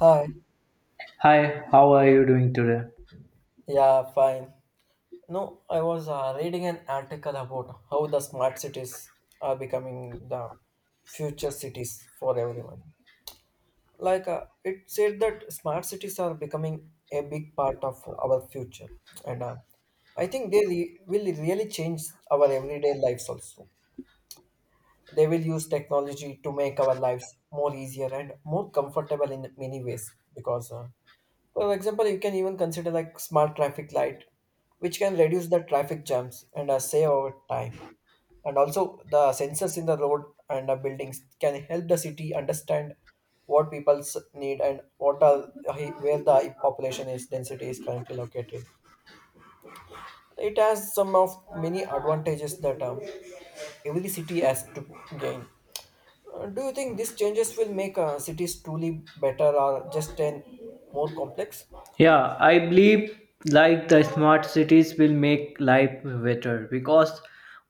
Hi. Hi, how are you doing today? Yeah, fine. No, I was reading an article about how the smart cities are becoming the future cities for everyone. It said that smart cities are becoming a big part of our future, and I think will really change our everyday lives also. They will use technology to make our lives more easier and more comfortable in many ways because for example, you can even consider like smart traffic light, which can reduce the traffic jams and save our time. And also the sensors in the road and the buildings can help the city understand what people's need and what are where the population is density is currently located. It has some of many advantages that every city has to gain. Do you think these changes will make cities truly better or just an more complex? Yeah, I believe like the smart cities will make life better because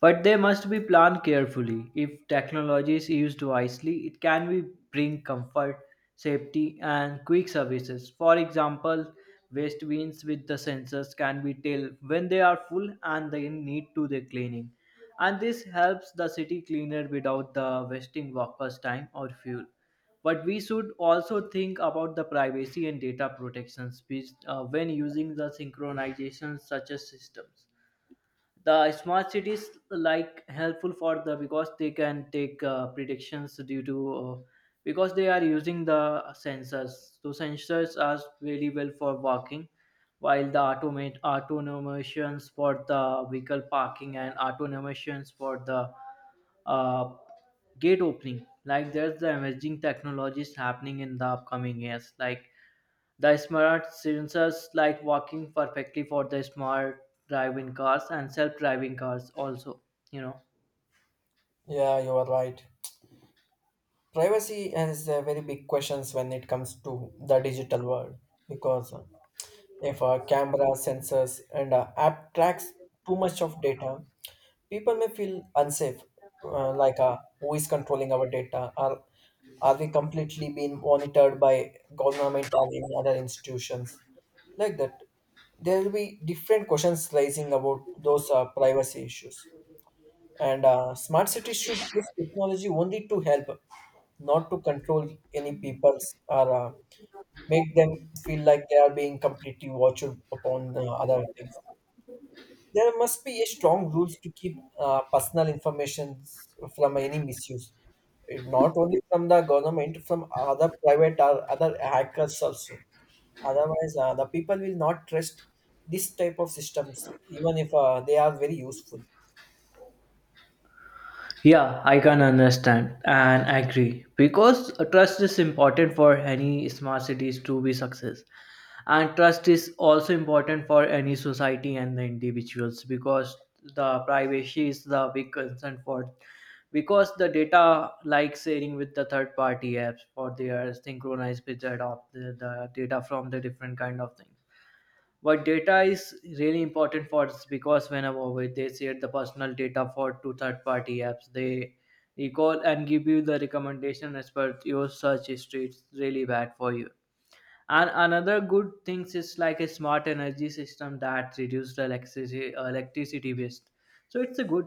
but they must be planned carefully. If technology is used wisely, it can be bring comfort, safety and quick services. For example, waste bins with the sensors can be tell when they are full and they need to the cleaning. And this helps the city cleaner without the wasting workers' time or fuel. But we should also think about the privacy and data protections which, when using the synchronization such as systems, the smart cities like helpful for the because they can take predictions due to because they are using the sensors, so sensors are very well for walking while the automate autonomations for the vehicle parking and autonomations for the uh, gate opening, like there's the emerging technologies happening in the upcoming years, like the smart sensors like working perfectly for the smart driving cars and self-driving cars also, you know. Yeah, you are right. Privacy is a very big questions when it comes to the digital world because if a camera sensors and app tracks too much of data people may feel unsafe, who is controlling our data, are we completely being monitored by government or any other institutions like that? There will be different questions raising about those privacy issues, and smart cities should use technology only to help, not to control any people's or make them feel like they are being completely watched upon other things. There must be a strong rules to keep personal information from any misuse. Not only from the government, from other private or other hackers also. Otherwise, the people will not trust this type of systems, even if they are very useful. Yeah, I can understand and agree because trust is important for any smart cities to be success. And trust is also important for any society and the individuals because the privacy is the big concern for because the data like sharing with the third party apps for their synchronized picture of the data from the different kind of things. But data is really important for us because whenever we- they share the personal data for to third party apps, they recall and give you the recommendation as per your search history. It's really bad for you. And another good things is like a smart energy system that reduces electricity electricity waste. So it's a good.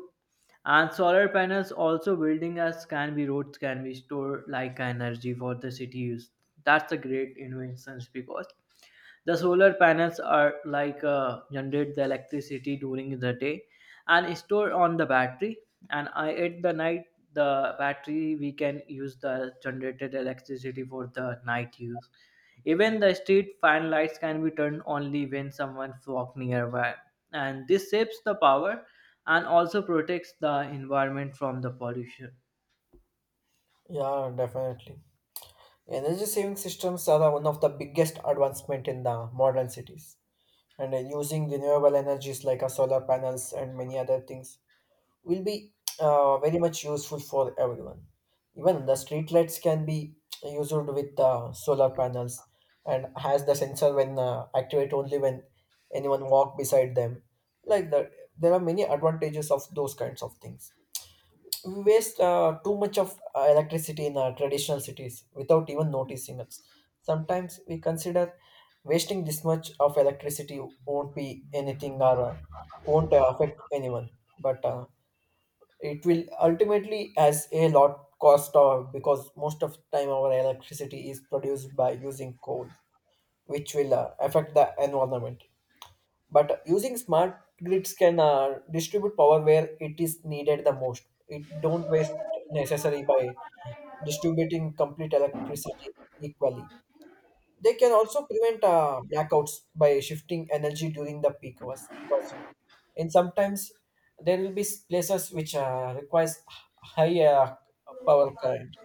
And solar panels also building as can be roads can be stored like energy for the city use. That's a great inventions because the solar panels are like generate the electricity during the day and store on the battery. And I, at the night, the battery we can use the generated electricity for the night use. Even the street fan lights can be turned only when someone walk nearby, and this saves the power and also protects the environment from the pollution. Yeah, definitely. Energy saving systems are one of the biggest advancement in the modern cities. And using renewable energies like solar panels and many other things will be very much useful for everyone. Even the street lights can be used with solar panels and has the sensor when activate only when anyone walk beside them. Like that, there are many advantages of those kinds of things. We waste too much of electricity in our traditional cities without even noticing it. Sometimes we consider wasting this much of electricity won't be anything or won't affect anyone, but it will ultimately has a lot cost of because most of time our electricity is produced by using coal, which will affect the environment. But using smart grids can distribute power where it is needed the most. It don't waste necessary by distributing complete electricity equally. They can also prevent blackouts by shifting energy during the peak hours because in sometimes there will be places which requires high power current,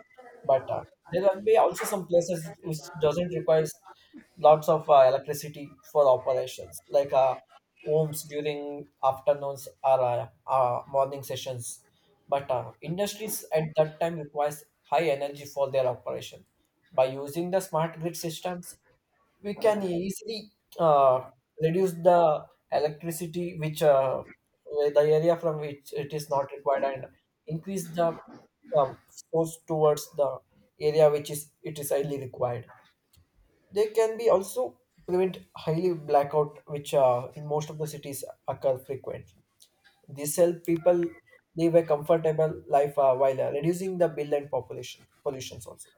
but there can be also some places which doesn't require lots of electricity for operations like homes during afternoons or morning sessions, but industries at that time requires high energy for their operation. By using the smart grid systems we can easily uh, reduce the electricity which where the area from which it is not required, and increase the um, force towards the area which is it is highly required. They can be also prevent highly blackout which in most of the cities occur frequently. This help people live a comfortable life while reducing the bill and population pollutions also.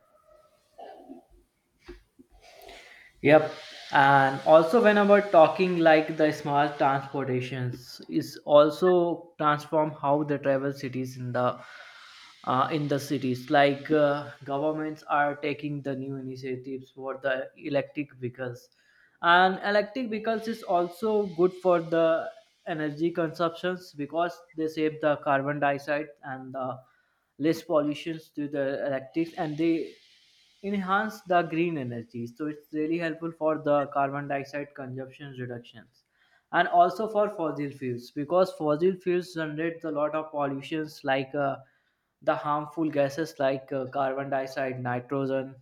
Yep. And also when we talking like the small transportations is also transform how they travel cities in the cities. Like governments are taking the new initiatives for the electric vehicles, and electric vehicles is also good for the energy consumptions because they save the carbon dioxide and the less pollutions to the electrics, and they enhance the green energy. So it's really helpful for the carbon dioxide consumption reductions and also for fossil fuels because fossil fuels generate a lot of pollutions like the harmful gases like carbon dioxide, nitrogen,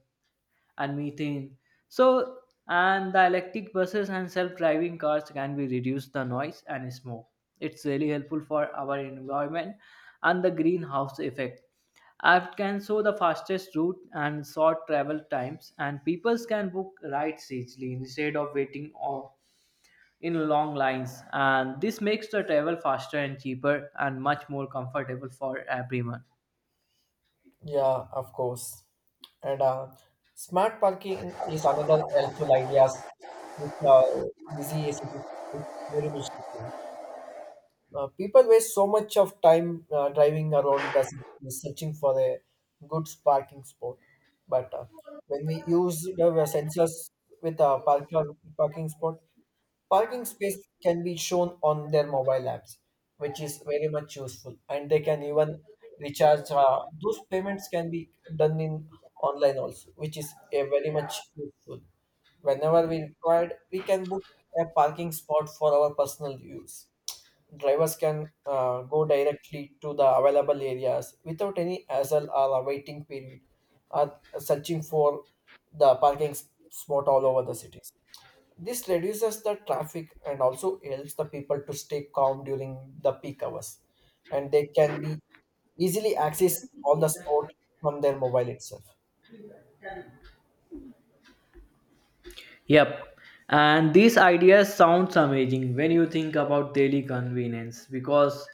and methane. So, and the electric buses and self-driving cars can be reduce the noise and smoke. It's really helpful for our environment and the greenhouse effect. App can show the fastest route and short travel times, and people can book rides easily instead of waiting or in long lines. And this makes the travel faster and cheaper and much more comfortable for everyone. Yeah, of course. And smart parking is another helpful ideas which are busy cities is very useful. People waste so much of time driving around the city searching for a good parking spot. But when we use the sensors with a parking spot, parking space can be shown on their mobile apps, which is very much useful, and they can even recharge. Those payments can be done in online also, which is a very much useful. Whenever we required, we can book a parking spot for our personal use. Drivers can go directly to the available areas without any hassle or a waiting period, or searching for the spot all over the city. This reduces the traffic and also helps the people to stay calm during the peak hours, and they can be easily access on the spot from their mobile itself. Yep. And these ideas sounds amazing when you think about daily convenience because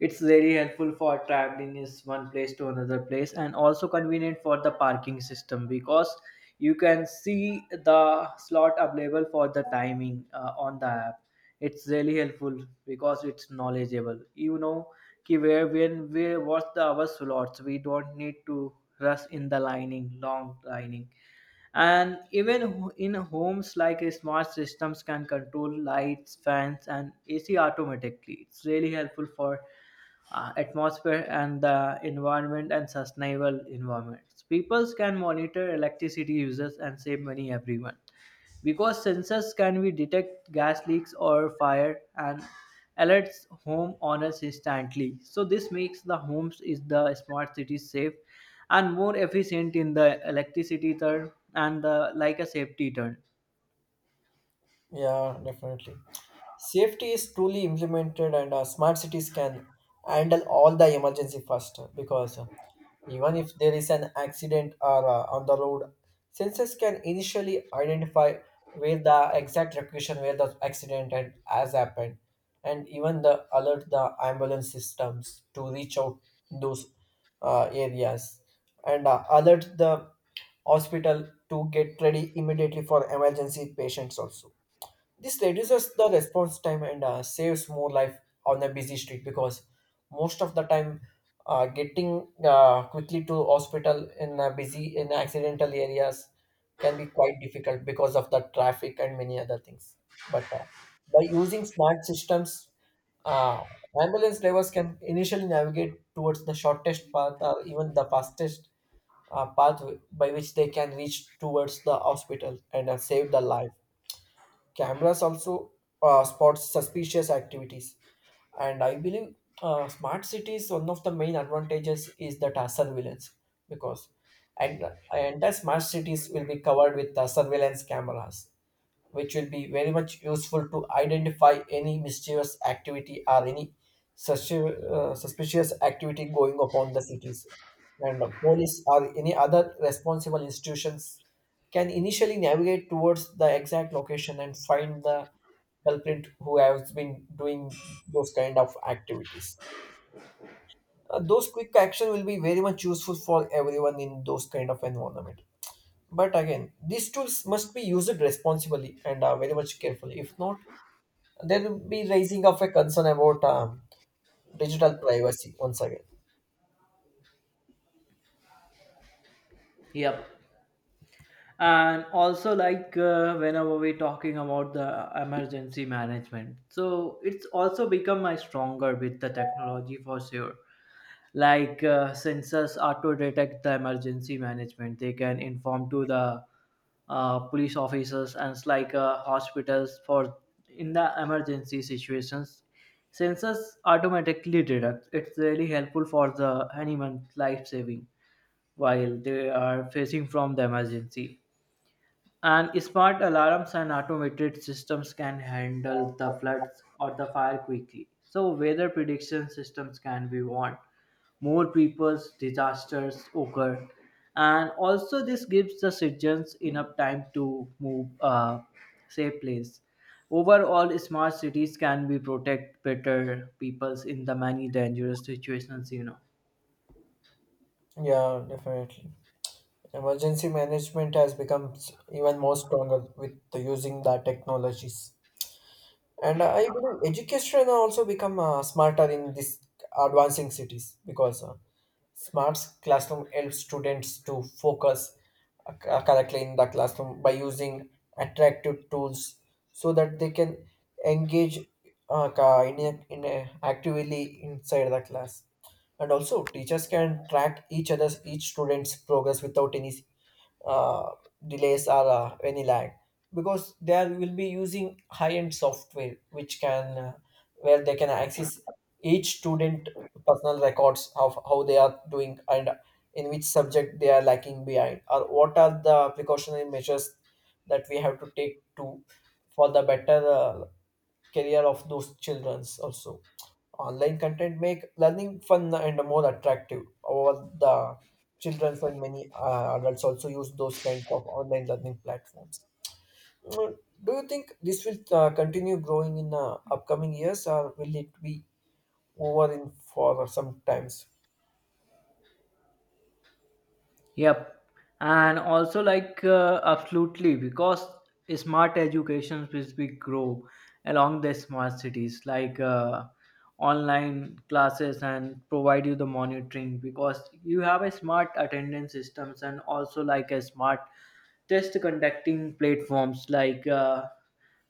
it's really helpful for traveling is one place to another place and also convenient for the parking system because you can see the slot available for the timing on the app. It's really helpful because it's knowledgeable. You know ki where when we watch the our slots, we don't need to rush in the lining, long lining. And even in homes like smart systems can control lights fans and ac automatically. It's really helpful for atmosphere and the environment and sustainable environments. People can monitor electricity users and save money everyone because sensors can be detect gas leaks or fire and alerts home owners instantly. So this makes the homes is the smart city safe and more efficient in the electricity turn and the, like a safety turn. Yeah, definitely. Safety is truly implemented, and smart cities can handle all the emergency faster because even if there is an accident or on the road, sensors can initially identify where the exact location where the has happened, and even the alert the ambulance systems to reach out those areas and alert the hospital to get ready immediately for emergency patients also. This reduces the response time and saves more life on the busy street because most of the time getting quickly to hospital in a busy in accidental areas can be quite difficult because of the traffic and many other things. But by using smart systems, uh, ambulance drivers can initially navigate towards the shortest path or even the fastest path by which they can reach towards the hospital and save the life. Cameras also spot suspicious activities, and I believe smart cities one of the main advantages is that surveillance, because and and the smart cities will be covered with surveillance cameras, which will be very much useful to identify any mischievous activity or any suspicious activity going upon the cities, and the police or any other responsible institutions can initially navigate towards the exact location and find the culprit who has been doing those kind of activities. Those quick action will be very much useful for everyone in those kind of environment. But again, these tools must be used responsibly and very much carefully. If not, there will be raising of a concern about digital privacy once again. Yep. And also, like whenever we're talking about the emergency management, so it's also become my stronger with the technology for sure. Like sensors are to detect the emergency management, they can inform to the police officers and it's like hospitals for in the emergency situations. Sensors automatically detect, it's really helpful for the anyone life saving while they are facing from the emergency. And smart alarms and automated systems can handle the floods or the fire quickly. So, weather prediction systems can be warned. More people's disasters occur. And also, this gives the citizens enough time to move safe place. Overall, smart cities can be protect better peoples in the many dangerous situations, you know. Yeah, definitely. Emergency management has become even more stronger with the using the technologies. And I believe education also become smarter in this advancing cities because smart classroom helps students to focus correctly in the classroom by using attractive tools so that they can engage in a actively inside the class. And also teachers can track each student's progress without any uh, delays are any lag, because they will be using high-end software which can where they can access each student personal records of how they are doing and in which subject they are lacking behind or what are the precautionary measures that we have to take to for the better career of those childrens also. Online content make learning fun and more attractive. Over the children and many adults also use those kinds of online learning platforms. Mm, Do you think this will continue growing in upcoming years, or will it be over in for some times? Yep, and also like absolutely because smart education which be grow along the smart cities, like online classes and provide you the monitoring because you have a smart attendance systems and also like a smart test conducting platforms, like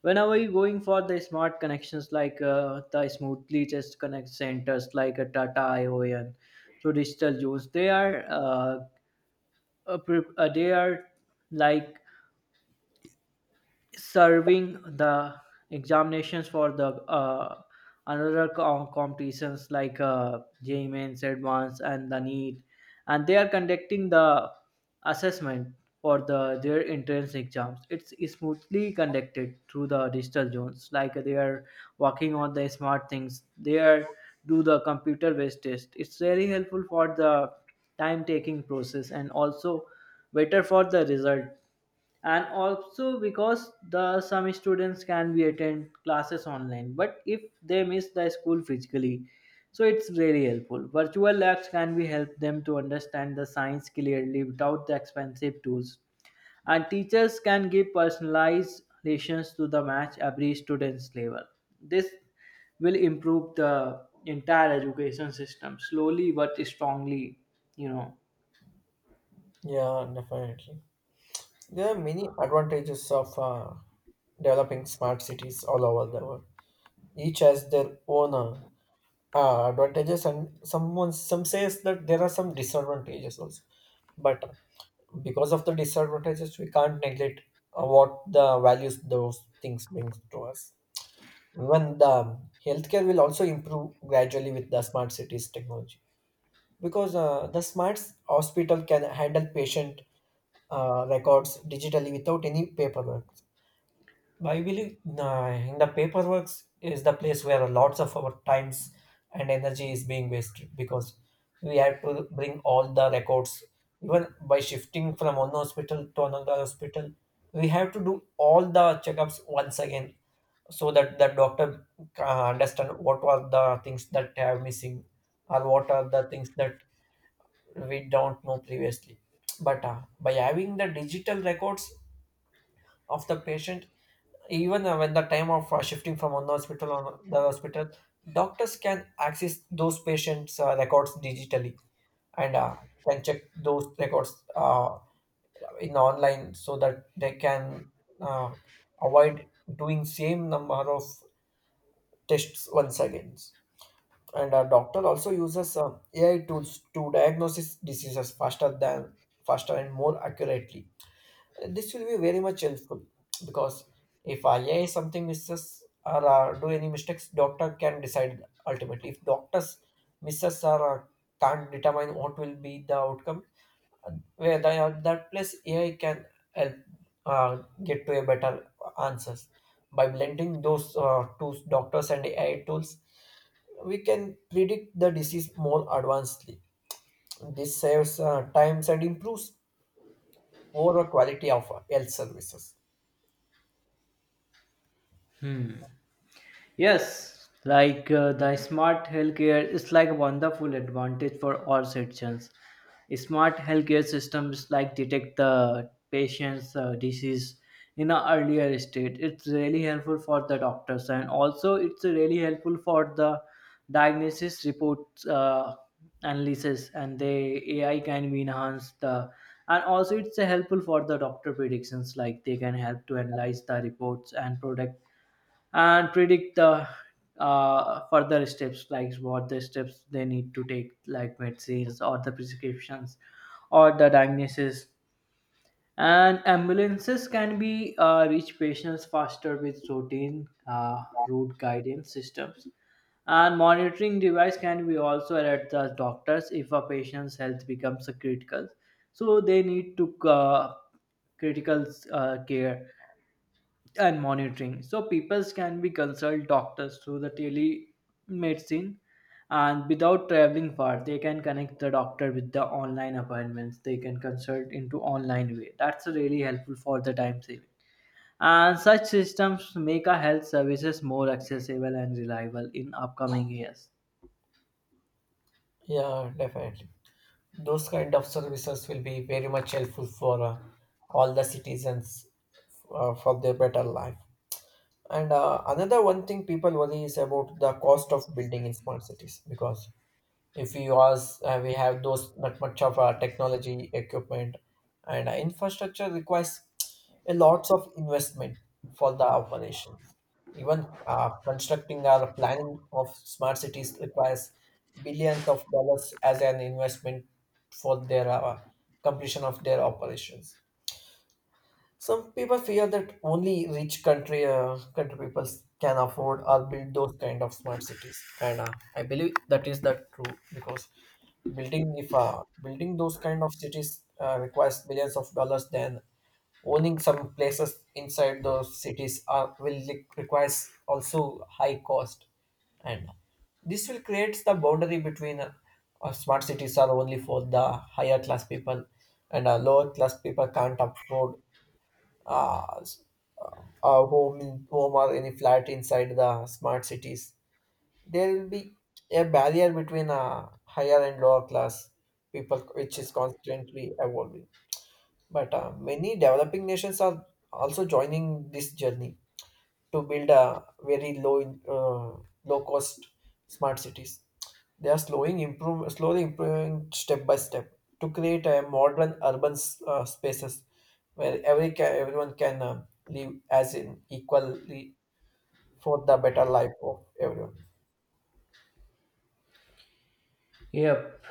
whenever you're going for the smart connections like the smoothly test connect centers like a Tata ION. So digital use they are a, pre- a they are like serving the examinations for the another competitions like J Mains, advance, and the NEET, and they are conducting the assessment for the their entrance exams. It's smoothly conducted through the digital zones, like they are working on the smart things. They are do the computer based test. It's very helpful for the time taking process and also better for the result. And also because the some students can be attend classes online but if they miss the school physically, so it's very helpful. Virtual labs can be help them to understand the science clearly without the expensive tools, and teachers can give personalized lessons to the match every student's level. This will improve the entire education system slowly but strongly, you know. Yeah, definitely. There are many advantages of developing smart cities all over the world. Each has their own advantages, and someone some says that there are some disadvantages also. But because of the disadvantages we can't neglect what the values those things brings to us. Even the healthcare will also improve gradually with the smart cities technology because the smart hospital can handle patient records digitally without any paperwork. I believe in the paperwork is the place where lots of our times and energy is being wasted because we have to bring all the records. Even by shifting from one hospital to another hospital, we have to do all the checkups once again so that the doctor understand what were the things that have missing or what are the things that we don't know previously. But by having the digital records of the patient, even when the time of shifting from one hospital on the hospital, doctors can access those patients' records digitally, and can check those records in online so that they can uh, avoid doing same number of tests once again. And a doctor also uses AI tools to diagnose diseases faster and more accurately. This will be very much helpful because if IA something misses or do any mistakes, doctor can decide ultimately. If doctors misses or can't determine what will be the outcome, where they are that place AI can help uh, get to a better answers. By blending those two doctors and AI tools we can predict the disease more advancedly. This saves times and improves overall quality of health services. Yes, like the smart healthcare is like a wonderful advantage for all citizens. Smart healthcare systems like detect the patient's disease in an earlier stage. It's really helpful for the doctors and also it's really helpful for the diagnosis reports analysis and the AI can be enhanced the and also it's helpful for the doctor predictions, like they can help to analyze the reports and predict the further steps like what the steps they need to take like medicines or the prescriptions or the diagnosis. And ambulances can be reach patients faster with routine route guidance systems. And monitoring device can be also at the doctors if a patient's health becomes a critical, so they need to critical care and monitoring. So people can be consult doctors through the telemedicine and without traveling far they can connect the doctor with the online appointments, they can consult into online way. That's really helpful for the time saving, and such systems make our health services more accessible and reliable in upcoming years. Yeah, definitely. Those kind of services will be very much helpful for all the citizens for their better life. And another one thing people worry is about the cost of building in small cities because if we was we have those not much of technology equipment and infrastructure requires a lots of investment for the operations. Even constructing or planning of smart cities requires billions of dollars as an investment for their completion of their operations. Some people fear that only rich country people can afford or build those kind of smart cities, and I believe that is the true because building if building those kind of cities requires billions of dollars, then owning some places inside those cities requires also high cost, and this will create the boundary between smart cities are only for the higher class people, and lower class people can't afford uh, s- a home or any flat inside the smart cities. There will be a barrier between higher and lower class people, which is constantly evolving. But many developing nations are also joining this journey to build a very low cost smart cities. They are slowly improving step by step to create a modern urban spaces where everyone can live as in equally for the better life of everyone. Yep.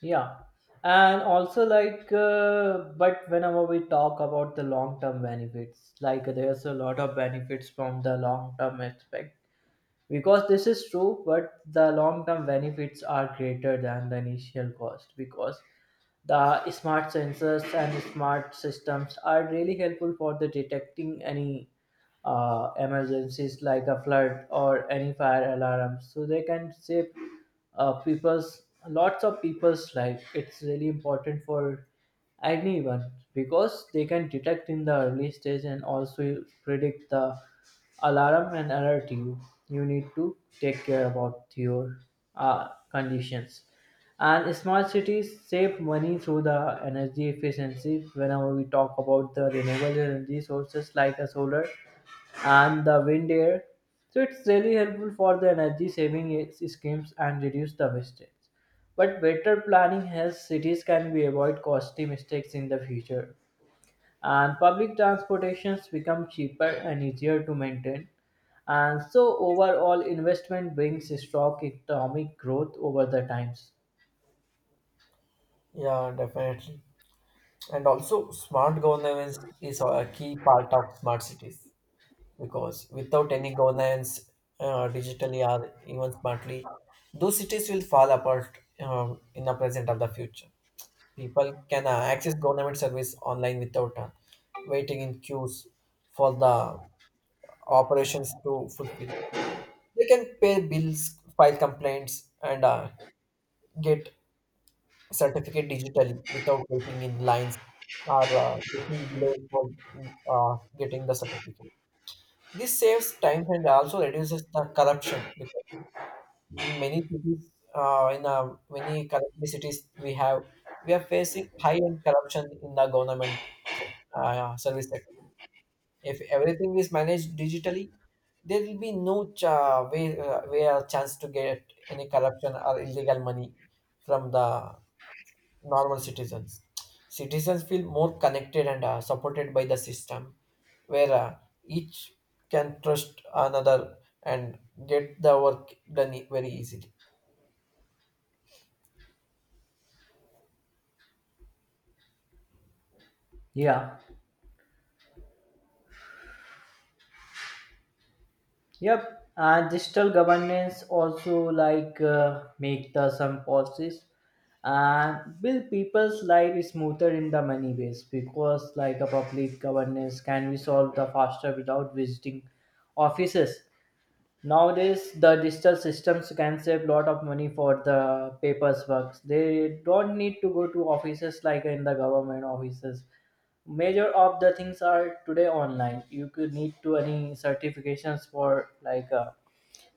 Yeah. And also, like, but whenever we talk about the long term benefits, like, there's a lot of benefits from the long term aspect because this is true, but the long term benefits are greater than the initial cost because the smart sensors and smart systems are really helpful for the detecting any emergencies like a flood or any fire alarms. So they can save people's lots of people's life. It's really important for anyone, because they can detect in the early stage and also predict the alarm and alert you. You need to take care about your conditions. And smart cities save money through the energy efficiency. Whenever we talk about the renewable energy sources like a solar, and the wind air. So it's really helpful for the energy saving schemes and reduce the wastage. But better planning helps cities can be avoid costly mistakes in the future. And public transportations become cheaper and easier to maintain. And so overall investment brings strong economic growth over the times. Yeah, definitely. And also, smart governance is a key part of smart cities because without any governance, digitally or even smartly, those cities will fall apart in the present or the future. People can access government service online without waiting in queues for the operations to fulfill. They can pay bills, file complaints, and get certificate digitally without waiting in lines or waiting below for getting the certificate. This saves time and also reduces the corruption because in many cities, in many currently cities we have, we are facing high end corruption in the government service sector. If everything is managed digitally, there will be no way or chance to get any corruption or illegal money from the normal citizens. Citizens feel more connected and supported by the system, where each can trust another and get the work done very easily. Yeah. Yep, and digital governance also like make the some policies and build people's life smoother in the many ways because like a public governance can be solved the faster without visiting offices. Nowadays, the digital systems can save lot of money for the papers works. They don't need to go to offices like in the government offices. Major of the things are today online. You could need to any certifications for like. Uh,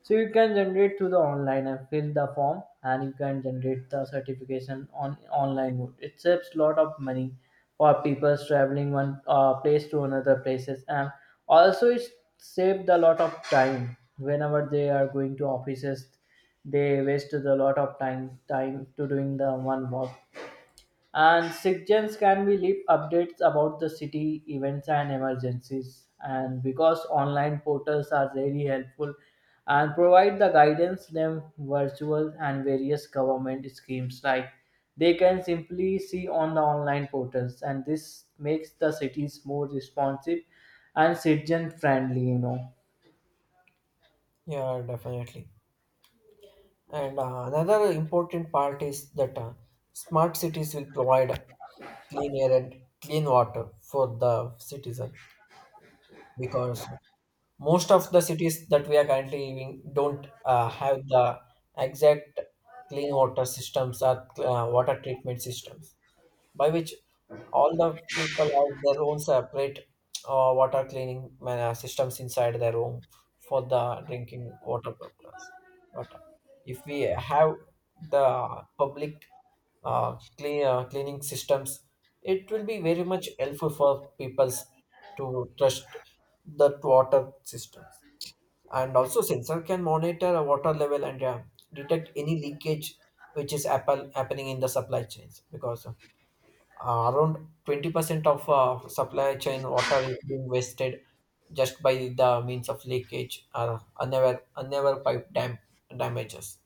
so you can generate through the online and fill the form and you can generate the certification on online mode. It saves lot of money for people traveling one place to another places. And also it saved a lot of time whenever they are going to offices, they waste a lot of time to doing the one work. And suggestions can be leave updates about the city events and emergencies, and because online portals are very helpful and provide the guidance them virtual and various government schemes like they can simply see on the online portals. And this makes the cities more responsive and citizen friendly, you know. Yeah, definitely. And another important part is that smart cities will provide clean air and clean water for the citizen because most of the cities that we are currently living don't have the exact clean water systems or water treatment systems, by which all the people have their own separate water cleaning systems inside their home for the drinking water purpose. But if we have the public cleaning systems, it will be very much helpful for peoples to trust that water system. And also sensor can monitor a water level and detect any leakage, which is apple happening in the supply chains, because around 20% of supply chain water is being wasted just by the means of leakage or unaware pipe damages.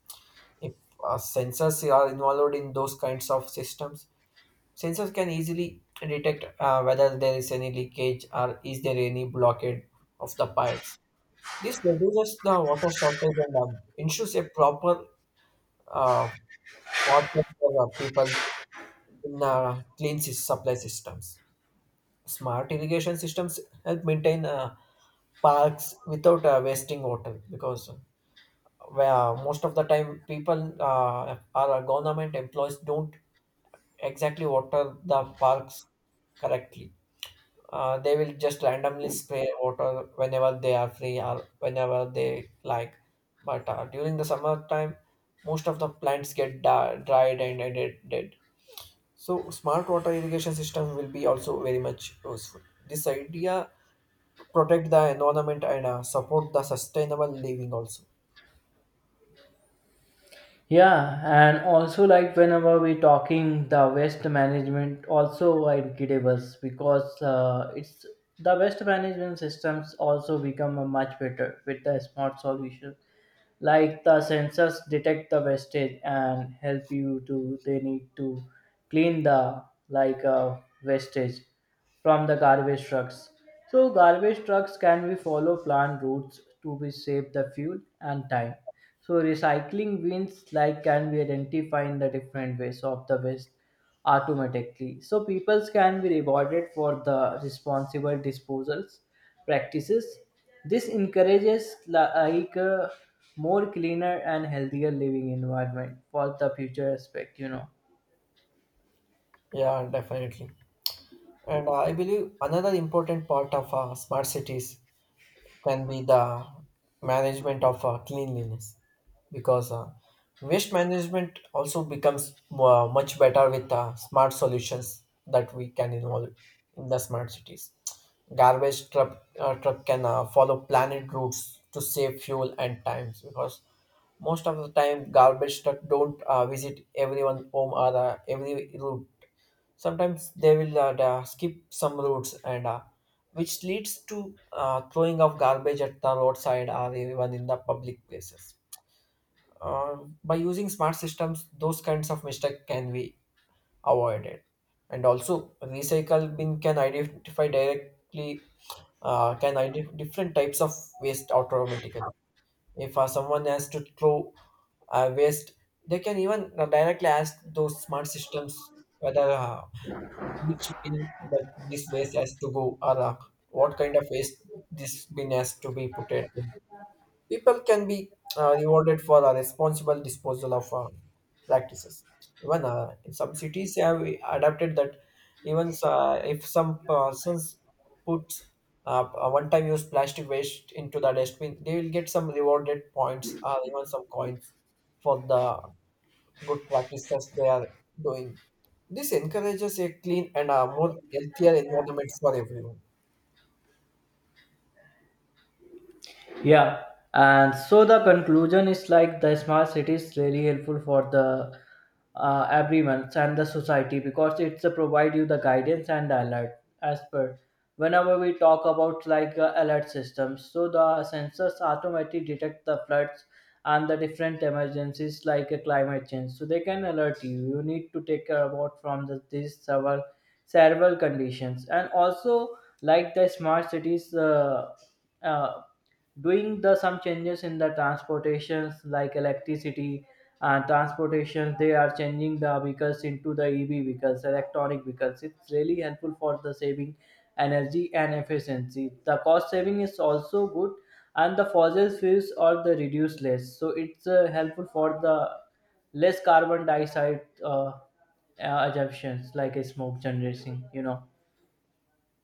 If sensors are involved in those kinds of systems, sensors can easily detect whether there is any leakage or is there any blockade of the pipes. This reduces the water shortage and ensures a proper uh, water for people in clean sys- supply systems. Smart irrigation systems help maintain parks without wasting water because where most of the time people are government employees don't exactly water the parks correctly. They will just randomly spray water whenever they are free or whenever they like. But during the summertime, most of the plants get dried and dead. So smart water irrigation system will be also very much useful. This idea protect the environment and support the sustainable living also. Yeah, and also like whenever we talking the waste management also incredible because it's the waste management systems also become a much better with the smart solution, like the sensors detect the wastage and help you to they need to clean the like wastage from the garbage trucks. So garbage trucks can be follow planned routes to be save the fuel and time. So recycling bins like can be identified in the different ways of the waste automatically. So people can be rewarded for the responsible disposals practices. This encourages like a more cleaner and healthier living environment for the future aspect, you know. Yeah, definitely. And I believe another important part of smart cities can be the management of cleanliness, because waste management also becomes much better with smart solutions that we can involve in the smart cities. Truck can follow planned routes to save fuel and times because most of the time garbage truck don't visit everyone home or every route. Sometimes they will skip some routes, and which leads to throwing of garbage at the roadside or even in the public places. By using smart systems, those kinds of mistakes can be avoided. And also, recycle bin can identify directly can identify different types of waste automatically. If someone has to throw waste, they can even directly ask those smart systems whether which bin that this waste has to go or what kind of waste this bin has to be put in. People can be rewarded for a responsible disposal of practices. Even in some cities, have adapted that even if some persons puts a one-time use plastic waste into the dustbin, they will get some rewarded points or even some coins for the good practices they are doing. This encourages a clean and a more healthier environment for everyone. Yeah, and so the conclusion is like the smart city is really helpful for the everyone and the society because it's provide you the guidance and the alert as per whenever we talk about like alert systems, so the sensors automatically detect the floods and the different emergencies like a climate change. So they can alert you, you need to take care about from these several conditions. And also like the smart cities uh, doing the some changes in the transportations like electricity and transportation, they are changing the vehicles into the ev vehicles electronic vehicles. It's really helpful for the saving energy and efficiency. The cost saving is also good and the fossil fuels are the reduced less. So it's helpful for the less carbon dioxide assumptions like a smoke generation, you know.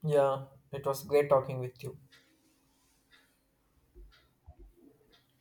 Yeah, it was great talking with you.